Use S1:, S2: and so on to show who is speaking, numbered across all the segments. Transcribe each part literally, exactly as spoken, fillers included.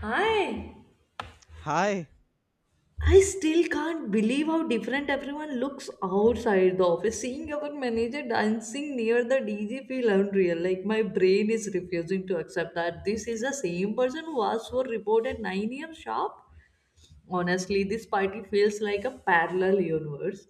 S1: Hi.
S2: Hi,
S1: I still can't believe how different everyone looks outside the office. Seeing our manager dancing near the D J feel unreal. Like my brain is refusing to accept that this is the same person who asked for report at nine a m sharp. Honestly, this party feels like a parallel universe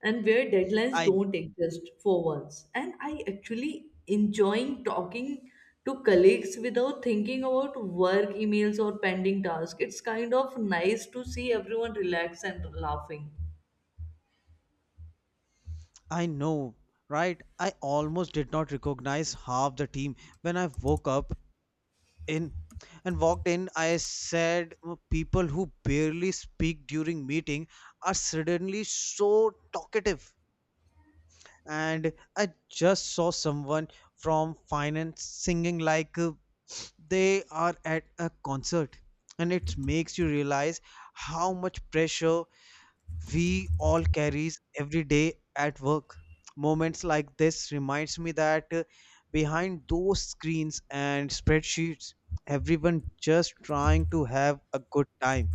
S1: and where deadlines
S2: I
S1: don't exist for once. And I actually enjoying talking to colleagues without thinking about work emails or pending tasks. It's kind of nice to see everyone relax and laughing.
S2: I know, right? I almost did not recognize half the team when I woke up in and walked in. I said, "Oh, people who barely speak during meeting are suddenly so talkative. And I just saw someone from finance singing like uh, they are at a concert, and it makes you realize how much pressure we all carries every day at work moments like this reminds me that uh, behind those screens and spreadsheets everyone just trying to have a good time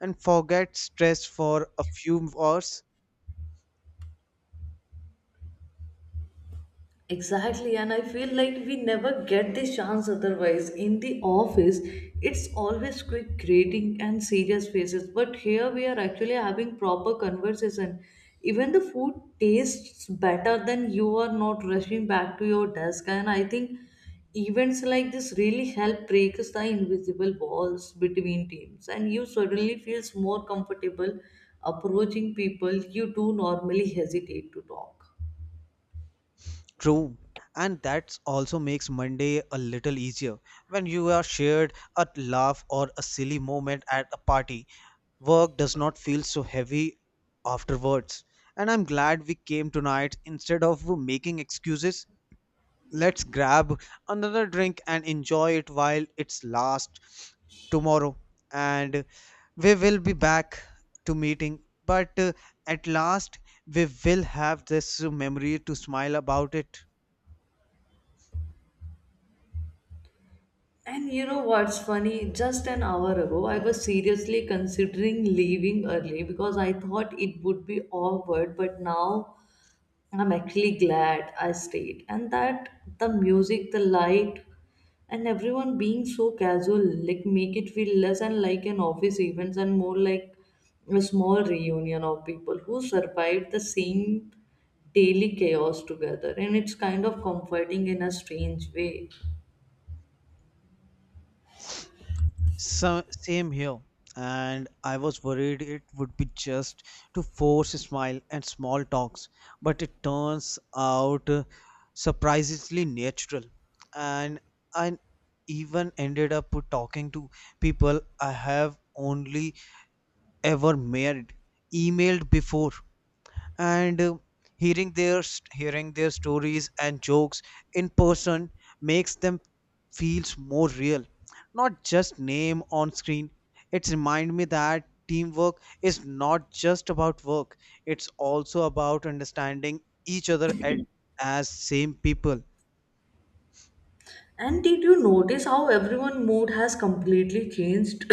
S2: and forget stress for a few hours
S1: Exactly, and I feel like we never get this chance otherwise. In the office, it's always quick grading and serious faces, but here we are actually having proper conversation. Even the food tastes better than you are not rushing back to your desk, and I think events like this really help break the invisible walls between teams, and you suddenly feels more comfortable approaching people you do normally hesitate to talk.
S2: true and that also makes monday a little easier when you are shared a laugh or a silly moment at a party. Work does not feel so heavy afterwards. And I'm glad we came tonight. Instead of making excuses, let's grab another drink and enjoy it while it's last tomorrow. And we will be back to meeting. But uh, at last, we will have this memory to smile about it.
S1: And you know what's funny? Just an hour ago, I was seriously considering leaving early because I thought it would be awkward, but now I'm actually glad I stayed. And that the music, the light, and everyone being so casual, like make it feel less and like an office event and more like a small reunion of people who survived the same daily chaos together. And it's kind of comforting in a strange way.
S2: So, same here. And I was worried it would be just to force a smile and small talks, but it turns out uh, surprisingly natural. And I even ended up talking to people I have only ever met, emailed before and uh, hearing their st- hearing their stories and jokes in person makes them feels more real, not just name on screen. It reminds me that teamwork is not just about work, it's also about understanding each other at, as same people.
S1: And did you notice how everyone mood has completely changed?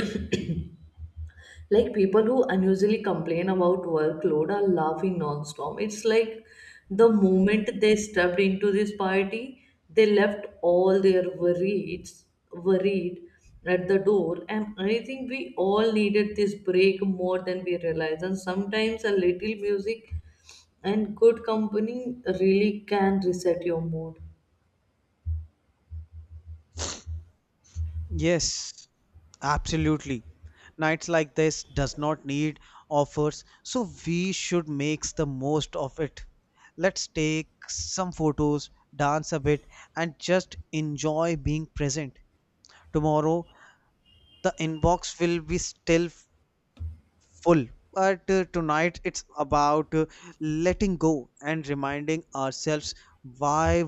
S1: Like people who unusually complain about workload are laughing non-stop. It's like the moment they stepped into this party, they left all their worries worried at the door. And I think we all needed this break more than we realize. And sometimes a little music and good company really can reset your mood.
S2: Yes, absolutely. Nights like this does not need offers, so we should make the most of it. Let's take some photos, dance a bit, and just enjoy being present. Tomorrow, the inbox will be still full, but uh, tonight it's about uh, letting go and reminding ourselves why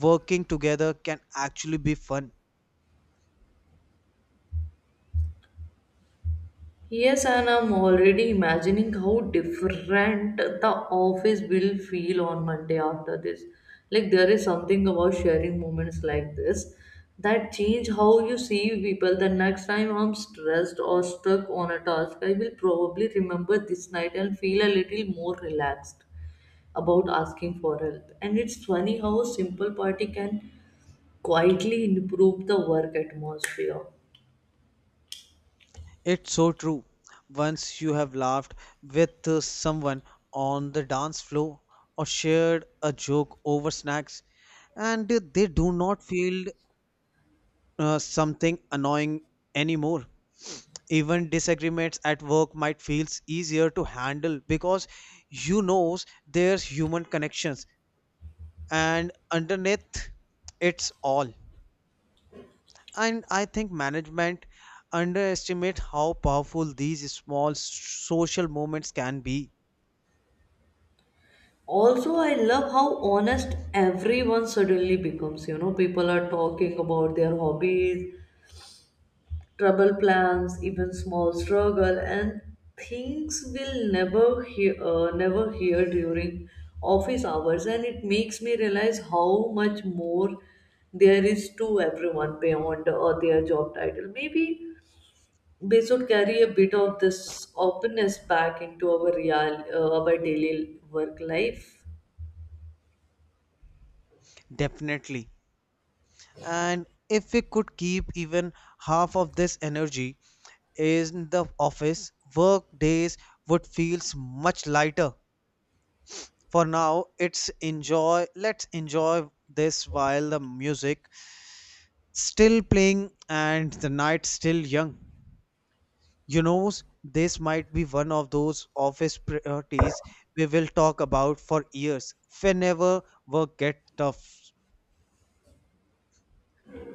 S2: working together can actually be fun.
S1: Yes, and I'm already imagining how different the office will feel on Monday after this. Like, there is something about sharing moments like this that change how you see people. The next time I'm stressed or stuck on a task, I will probably remember this night and feel a little more relaxed about asking for help. And it's funny how a simple party can quietly improve the work atmosphere.
S2: It's so true. Once you have laughed with uh, someone on the dance floor or shared a joke over snacks, and uh, they do not feel uh, something annoying anymore. Even disagreements at work might feel easier to handle because you knows there's human connections and underneath it's all. And I think management underestimate how powerful these small social movements can be,
S1: Also, I love how honest everyone suddenly becomes, you know, people are talking about their hobbies, trouble plans, even small struggle, and things we'll never hear uh, never hear during office hours. And it makes me realize how much more there is to everyone beyond uh, their job title. Maybe we should carry a bit of this openness back into our real uh, our daily work life.
S2: definitely. And if we could keep even half of this energy in the office, work days would feel much lighter. For now, it's enjoy let's enjoy this while the music still playing and the night still young. You know, this might be one of those office priorities we will talk about for years whenever work gets tough.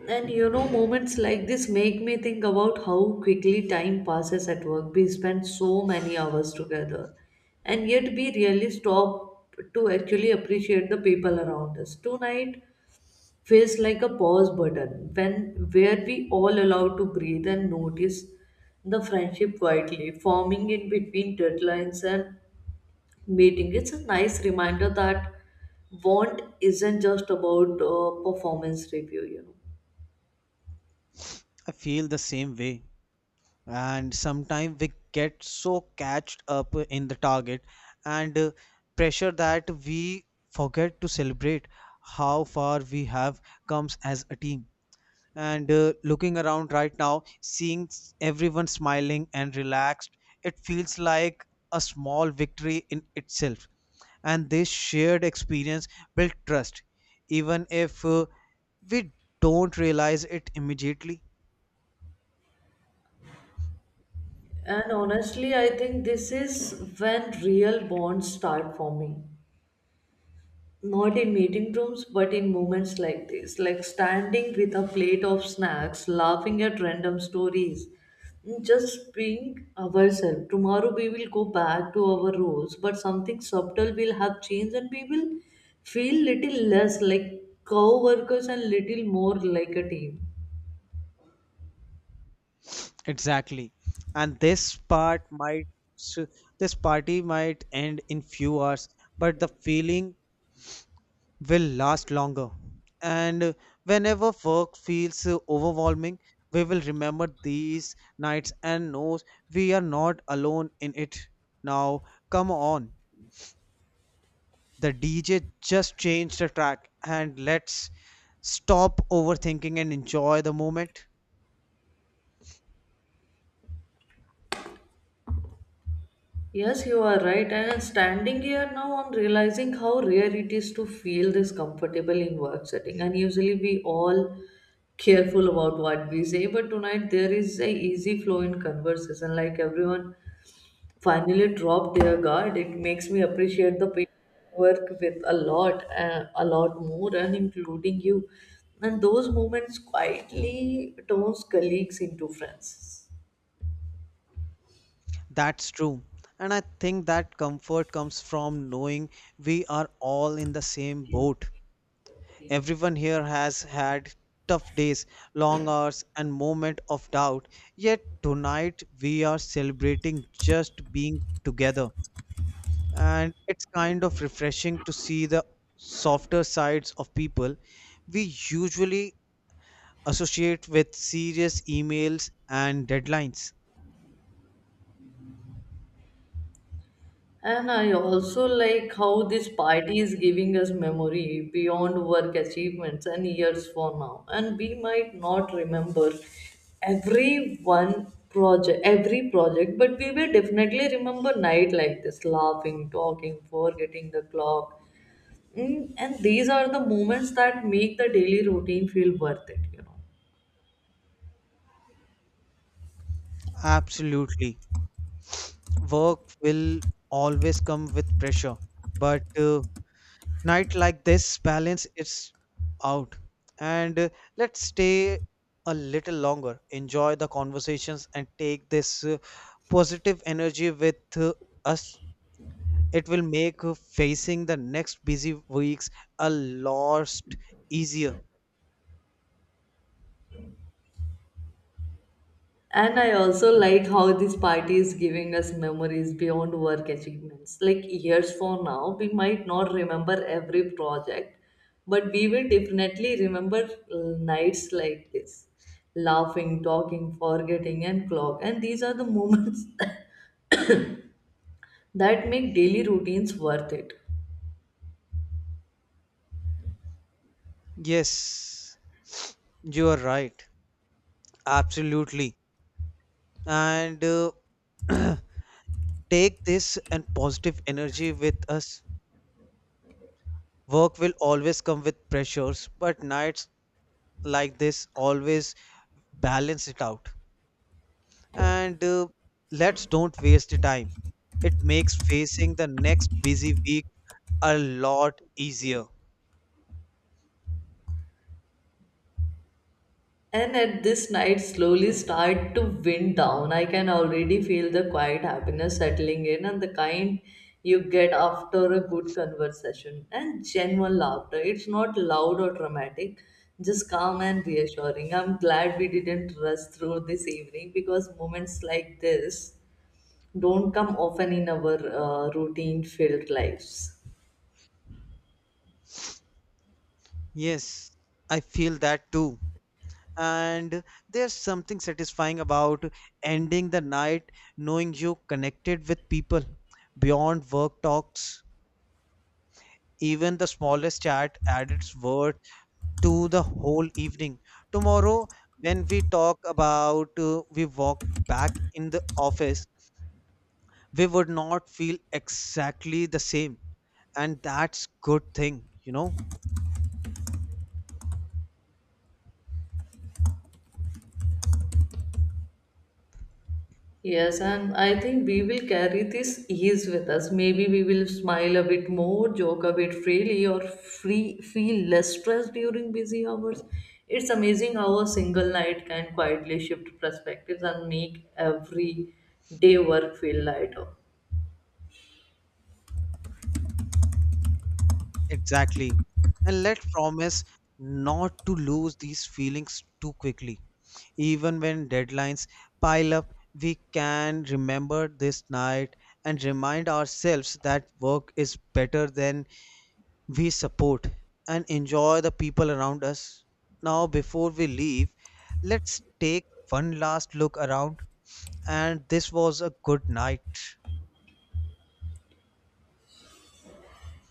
S1: And you know, moments like this make me think about how quickly time passes at work. We spend so many hours together, and yet we really stop to actually appreciate the people around us. Tonight feels like a pause button when where we all allowed to breathe and notice the friendship quietly forming in between deadlines and meeting. It's a nice reminder that want isn't just about uh, performance review, you know.
S2: I feel the same way. And sometimes we get so catched up in the target and uh, pressure that we forget to celebrate how far we have come as a team. and uh, looking around right now seeing s- everyone smiling and relaxed, it feels like a small victory in itself and this shared experience built trust even if uh, we don't realize it immediately.
S1: And honestly, I think this is when real bonds start forming. Not in meeting rooms, but in moments like this, like standing with a plate of snacks, laughing at random stories, just being ourselves. Tomorrow we will go back to our roles, but something subtle will have changed and we will feel little less like co-workers and little more like a team.
S2: Exactly. and this part might s- this party might end in few hours but the feeling will last longer. And whenever work feels uh, overwhelming, we will remember these nights and knows we are not alone in it. Now, come on. The D J just changed the track and let's stop overthinking and enjoy the moment.
S1: Yes, you are right. And standing here now, I'm realizing how rare it is to feel this comfortable in work setting. And usually we all careful about what we say, but tonight there is a easy flow in conversation. Like everyone finally dropped their guard. It makes me appreciate the people I work with a lot, uh, a lot more, and including you. And those moments quietly turns colleagues into friends.
S2: That's true. And I think that comfort comes from knowing we are all in the same boat. Everyone here has had tough days, long hours, and moments of doubt. Yet tonight we are celebrating just being together. And it's kind of refreshing to see the softer sides of people we usually associate with serious emails and deadlines.
S1: And I also like how this party is giving us memory beyond work achievements and years for now. And we might not remember every one project, every project, but we will definitely remember night like this, laughing, talking, forgetting the clock. Mm, and these are the moments that make the daily routine feel worth it, you know.
S2: Absolutely. Work will always come with pressure, but uh, night like this balance it's out and uh, let's stay a little longer, enjoy the conversations and take this uh, positive energy with uh, us. It will make uh, facing the next busy weeks a lot easier.
S1: And I also like how this party is giving us memories beyond work achievements. Like years from now, we might not remember every project, but we will definitely remember uh, nights like this laughing, talking, forgetting, and clock. And these are the moments that make daily routines worth it.
S2: Yes, you are right, absolutely. And uh, take this and positive energy with us. Work will always come with pressures but nights like this always balance it out and uh, let's don't waste the time. It makes facing the next busy week a lot easier.
S1: And at this night slowly start to wind down. I can already feel the quiet happiness settling in and the kind you get after a good conversation and genuine laughter. It's not loud or dramatic, just calm and reassuring. I'm glad we didn't rush through this evening because moments like this don't come often in our uh, routine filled lives.
S2: Yes, I feel that too. And there's something satisfying about ending the night knowing you connected with people beyond work talks. Even the smallest chat added its worth to the whole evening. Tomorrow, when we talk about uh, we walk back in the office, we would not feel exactly the same. And that's good thing, you know?
S1: Yes, and I think we will carry this ease with us. Maybe we will smile a bit more, joke a bit freely, or free feel less stressed during busy hours. It's amazing how a single night can quietly shift perspectives and make every day work feel lighter.
S2: Exactly. And let's promise not to lose these feelings too quickly. Even when deadlines pile up, we can remember this night and remind ourselves that work is better than we support and enjoy the people around us. Now, before we leave, let's take one last look around. And this was a good night.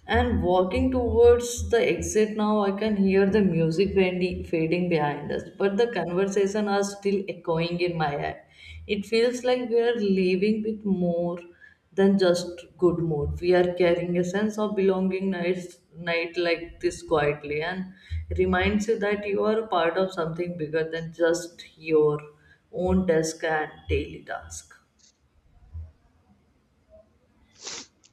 S1: And walking towards the exit now, I can hear the music fading, fading behind us, but the conversation are still echoing in my head. It feels like we are leaving with more than just good mood. We are carrying a sense of belonging night, night like this quietly and reminds you that you are a part of something bigger than just your own desk and daily task.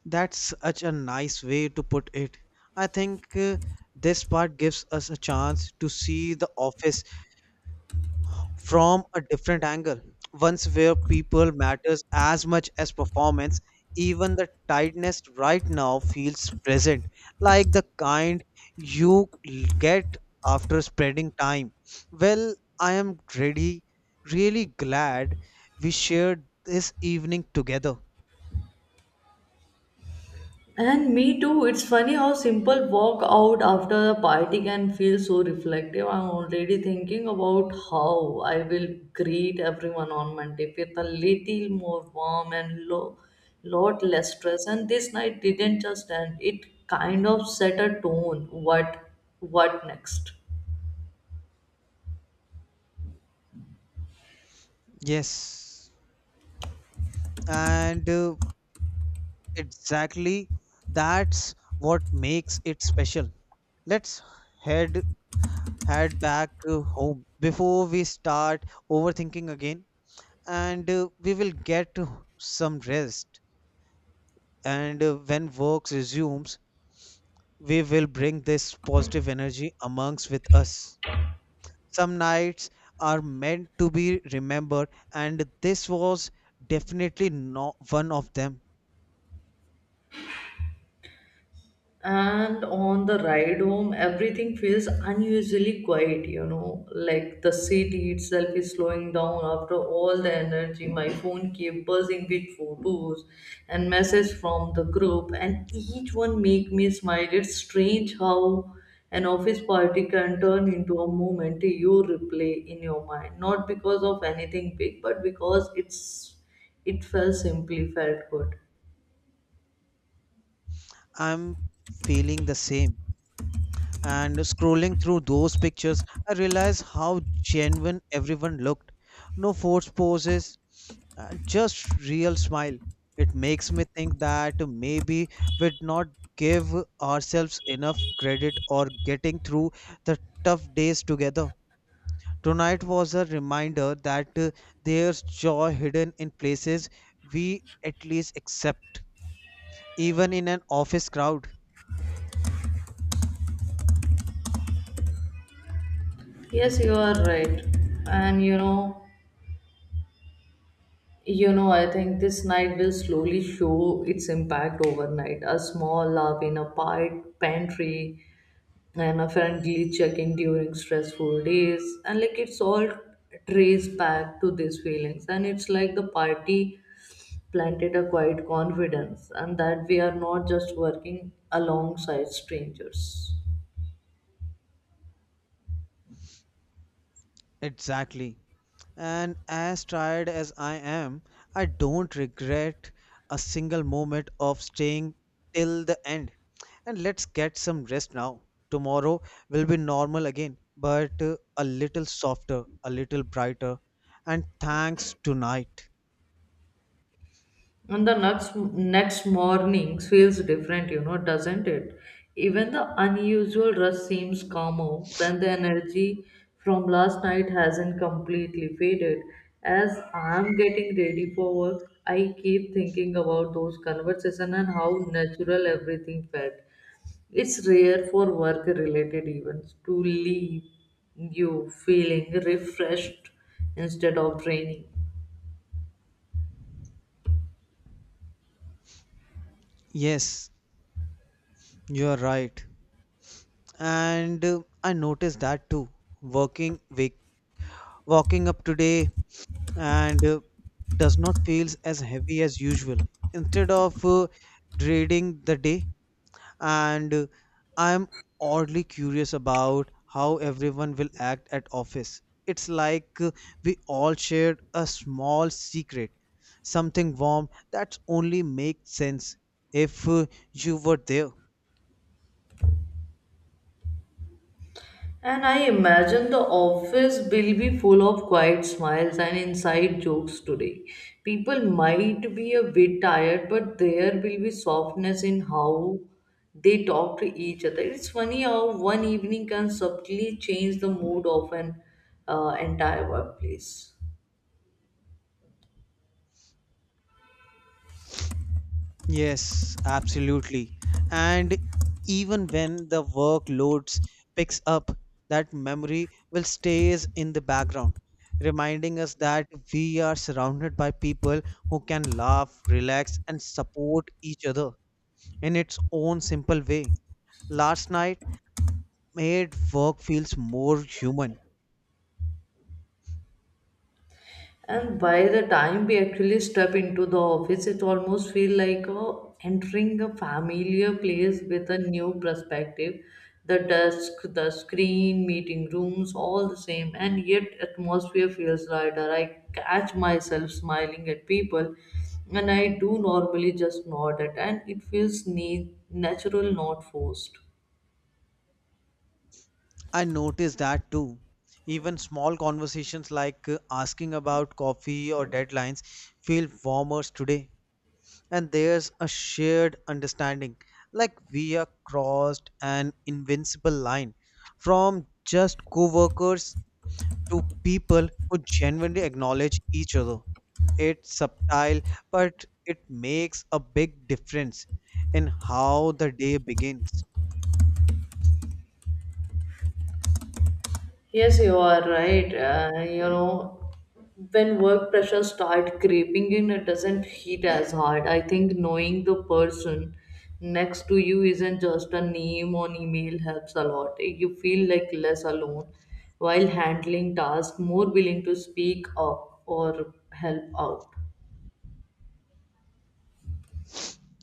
S2: That's such a nice way to put it. I think uh, this part gives us a chance to see the office from a different angle, once where people matters as much as performance. Even the tiredness right now feels present, like the kind you get after spreading time well. I am ready, really glad we shared this evening together.
S1: And me too. It's funny how simple walk out after a party can feel so reflective. I'm already thinking about how I will greet everyone on Monday with a little more warm and lo- lot less stress. And this night didn't just end; it kind of set a tone. What, what next?
S2: Yes and uh, exactly, that's what makes it special. Let's head head back uh, home before we start overthinking again, and uh, we will get some rest, and uh, when work resumes we will bring this positive energy amongst with us. Some nights are meant to be remembered and this was definitely not one of them.
S1: And on the ride home, everything feels unusually quiet, you know, like the city itself is slowing down after all the energy. My phone kept buzzing with photos and messages from the group, and each one make me smile. It's strange how an office party can turn into a moment you replay in your mind, not because of anything big, but because it's it felt simply felt good.
S2: I'm feeling the same. And scrolling through those pictures, I realized how genuine everyone looked. No forced poses, uh, just real smile. It makes me think that maybe we'd not give ourselves enough credit or getting through the tough days together. Tonight was a reminder that uh, there's joy hidden in places we at least accept, even in an office crowd.
S1: Yes, you are right. And you know, You know, I think this night will slowly show its impact overnight. A small laugh in a part pantry and a friendly check-in during stressful days. And like it's all traced back to these feelings. And it's like the party planted a quiet confidence and that we are not just working alongside strangers.
S2: Exactly. And as tired as I am, I don't regret a single moment of staying till the end. And let's get some rest now. Tomorrow will be normal again, but uh, a little softer, a little brighter. And thanks tonight.
S1: And the next next morning feels different, you know, doesn't it? Even the unusual rush seems calmer when the energy from last night hasn't completely faded. As I'm getting ready for work, I keep thinking about those conversations and how natural everything felt. It's rare for work-related events to leave you feeling refreshed instead of draining.
S2: Yes, you are right. And uh, I noticed that too. Working wake, walking up today and uh, does not feels as heavy as usual. Instead of uh, dreading the day, and uh, I'm oddly curious about how everyone will act at office. It's like uh, we all shared a small secret, something warm that only makes sense if uh, you were there.
S1: And I imagine the office will be full of quiet smiles and inside jokes today. People might be a bit tired, but there will be softness in how they talk to each other. It's funny how one evening can subtly change the mood of an uh, entire workplace.
S2: Yes, absolutely. And even when the workloads picks up, that memory will stays in the background, reminding us that we are surrounded by people who can laugh, relax, and support each other in its own simple way. Last night made work feels more human.
S1: And by the time we actually step into the office, it almost feels like oh, entering a familiar place with a new perspective. The desk, the screen, meeting rooms, all the same, and yet atmosphere feels lighter. I catch myself smiling at people, and I do normally just nod at, and it feels ne- natural, not forced.
S2: I noticed that too. Even small conversations like uh, asking about coffee or deadlines feel warmer today, and there's a shared understanding like we are crossed an invincible line from just co-workers to people who genuinely acknowledge each other. It's subtle but it makes a big difference in how the day begins.
S1: Yes, you are right. Uh, you know, when work pressure start creeping in, it doesn't hit as hard. I think knowing the person next to you isn't just a name on email helps a lot. You feel like less alone while handling tasks, more willing to speak up or help out.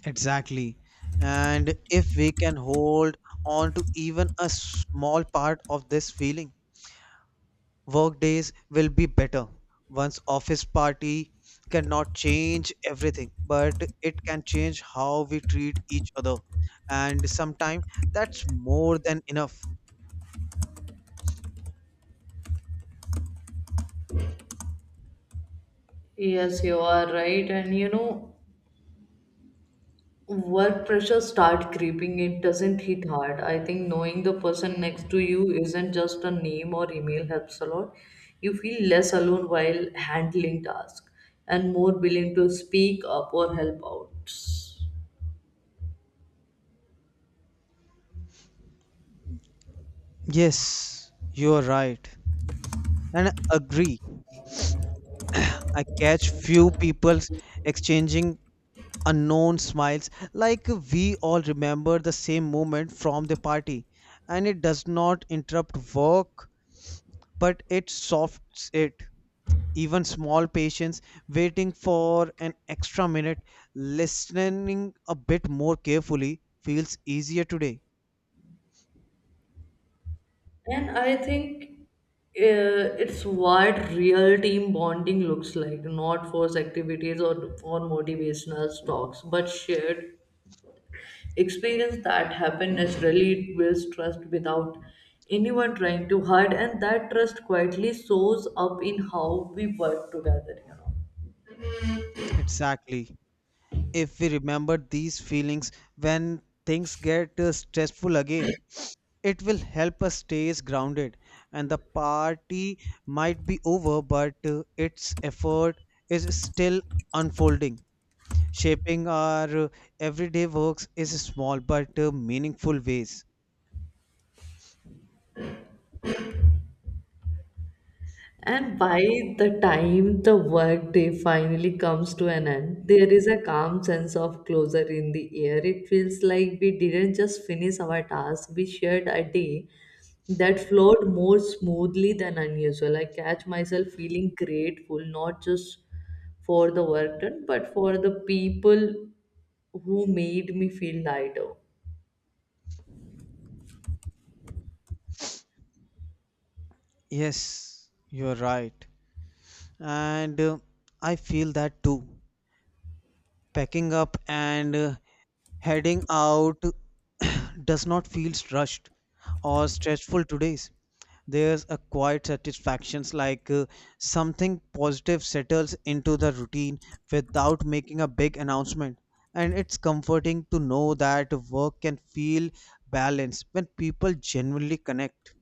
S2: Exactly. And if we can hold on to even a small part of this feeling, work days will be better. One's office party cannot change everything, but it can change how we treat each other. And sometimes that's more than enough.
S1: Yes, you are right. And you know, work pressure start creeping. It doesn't hit hard. I think knowing the person next to you isn't just a name or email helps a lot. You feel less alone while handling tasks and more willing to speak up or help out.
S2: Yes, you're right. And I agree. I catch few people exchanging unknown smiles like we all remember the same moment from the party, and it does not interrupt work but it softs it. Even small patients waiting for an extra minute, listening a bit more carefully feels easier today.
S1: And I think uh, it's what real team bonding looks like, not forced activities or or motivational talks, but shared experience that happen naturally. It builds trust without anyone trying too hard, and that trust quietly shows up in how we work together, you know.
S2: Exactly, if we remember these feelings when things get uh, stressful again it will help us stay grounded. And the party might be over but uh, its effort is still unfolding, shaping our uh, everyday works is small but uh, meaningful ways.
S1: And by the time the workday finally comes to an end, there is a calm sense of closure in the air. It feels like we didn't just finish our task, we shared a day that flowed more smoothly than unusual. I catch myself feeling grateful not just for the work done, but for the people who made me feel lighter.
S2: Yes, you're right. And uh, I feel that too. Packing up and uh, heading out does not feel rushed or stressful today's. There's a quiet satisfaction like uh, something positive settles into the routine without making a big announcement. And it's comforting to know that work can feel balanced when people genuinely connect.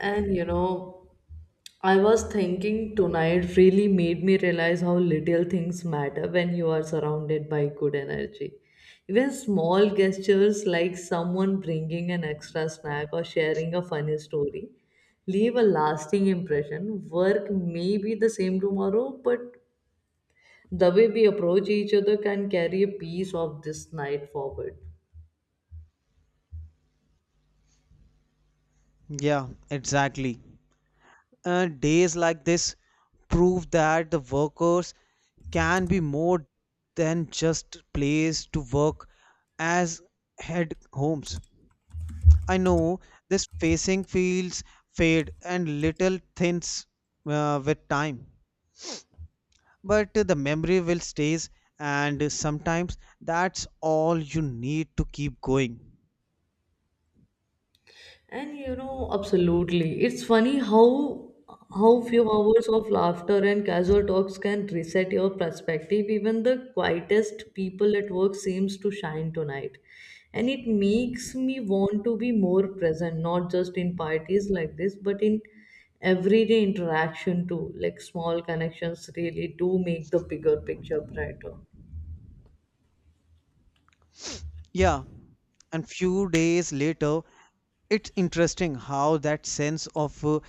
S1: And you know, I was thinking tonight really made me realize how little things matter when you are surrounded by good energy. Even small gestures like someone bringing an extra snack or sharing a funny story leave a lasting impression. Work may be the same tomorrow, but the way we approach each other can carry a piece of this night forward.
S2: Yeah, exactly. Uh, days like this prove that the workers can be more than just place to work as head homes. I know this facing feels fade and little thins uh, with time, but the memory will stays, and sometimes that's all you need to keep going.
S1: And you know, absolutely. It's funny how how few hours of laughter and casual talks can reset your perspective. Even the quietest people at work seems to shine tonight. And it makes me want to be more present, not just in parties like this, but in everyday interaction too. Like small connections really do make the bigger picture brighter.
S2: Yeah, and few days later it's interesting how that sense of uh,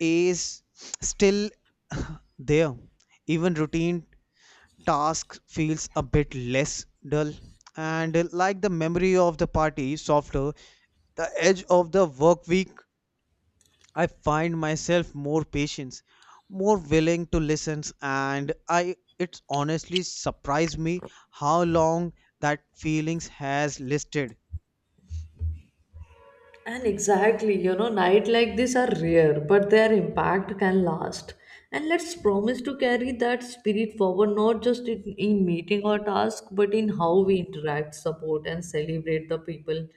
S2: is still there. Even routine task feels a bit less dull and uh, like the memory of the party softer the edge of the work week. I find myself more patient, more willing to listen, and I it's honestly surprised me how long that feelings has listed.
S1: And exactly, you know, night like this are rare, but their impact can last. And let's promise to carry that spirit forward not just in, in meeting or task, but in how we interact, support, and celebrate the people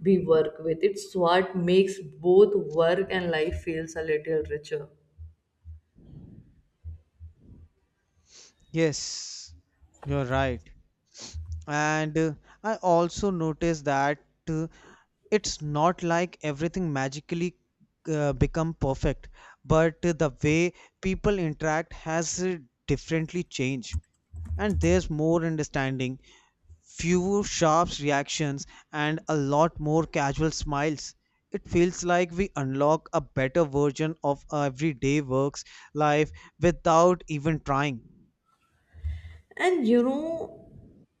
S1: we work with. It's what makes both work and life feels a little richer.
S2: Yes, you're right. And uh, I also noticed that uh, it's not like everything magically uh, become perfect, but uh, the way people interact has uh, differently changed, and there's more understanding, fewer sharp reactions, and a lot more casual smiles. It feels like we unlock a better version of everyday works life without even trying.
S1: And you know,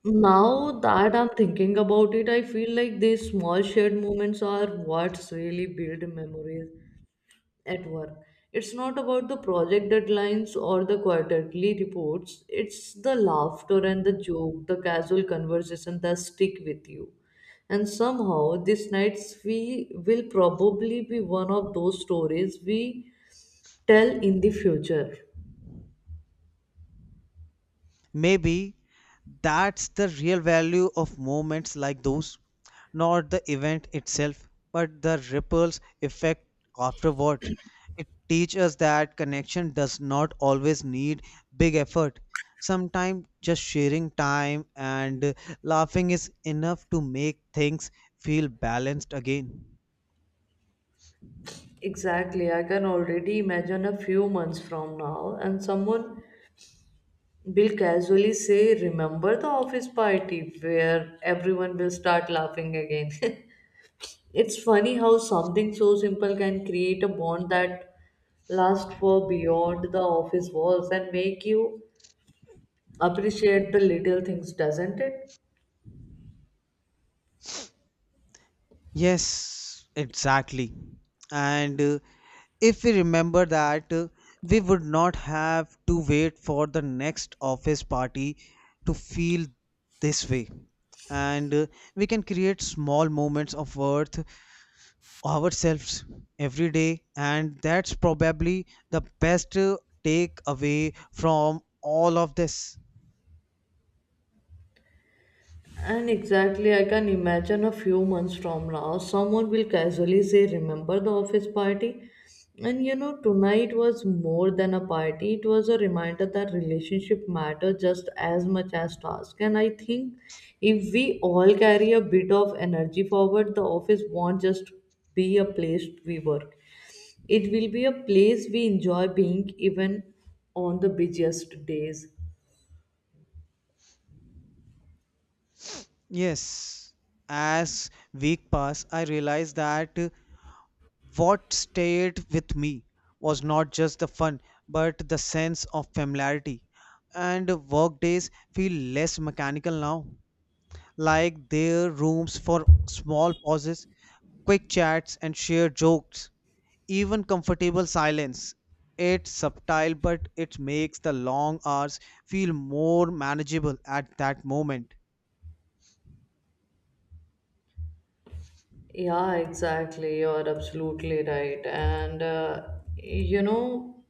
S1: now that I'm thinking about it, I feel like these small shared moments are what's really build memories at work. It's not about the project deadlines or the quarterly reports. It's the laughter and the joke, the casual conversation that stick with you. And somehow, these nights we will probably be one of those stories we tell in the future.
S2: Maybe that's the real value of moments like those, not the event itself, but the ripples effect afterward. It teaches us that connection does not always need big effort. Sometimes just sharing time and uh, laughing is enough to make things feel balanced again.
S1: Exactly, I can already imagine a few months from now, and someone will casually say, "Remember the office party," where everyone will start laughing again. It's funny how something so simple can create a bond that lasts for beyond the office walls and make you appreciate the little things, doesn't it?
S2: Yes, exactly. And uh, if we remember that, uh, we would not have to wait for the next office party to feel this way. And uh, we can create small moments of worth ourselves every day. And that's probably the best uh, take away from all of this.
S1: And exactly, I can imagine a few months from now, someone will casually say, "Remember the office party?" And you know, tonight was more than a party, it was a reminder that relationship matter just as much as task. And I think if we all carry a bit of energy forward, the office won't just be a place we work, it will be a place we enjoy being even on the busiest days.
S2: Yes, as week pass, I realize that uh, what stayed with me was not just the fun, but the sense of familiarity. And workdays feel less mechanical now, like their rooms for small pauses, quick chats, and shared jokes. Even comfortable silence. It's subtle, but it makes the long hours feel more manageable at that moment.
S1: Yeah, exactly. You're absolutely right. And, uh, you know,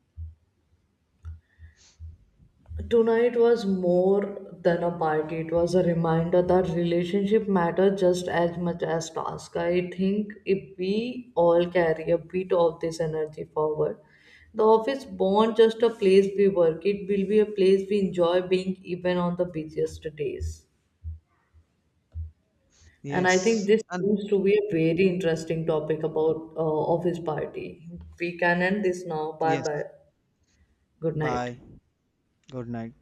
S1: tonight was more than a party. It was a reminder that relationship matter just as much as task. I think if we all carry a bit of this energy forward, the office won't just a place we work. It will be a place we enjoy being even on the busiest days. And I think
S2: Yes.
S1: this
S2: And
S1: seems to be a very interesting topic about uh, office party. We can end this now. Bye
S2: yes.
S1: bye. Good night.
S2: Bye. Good night.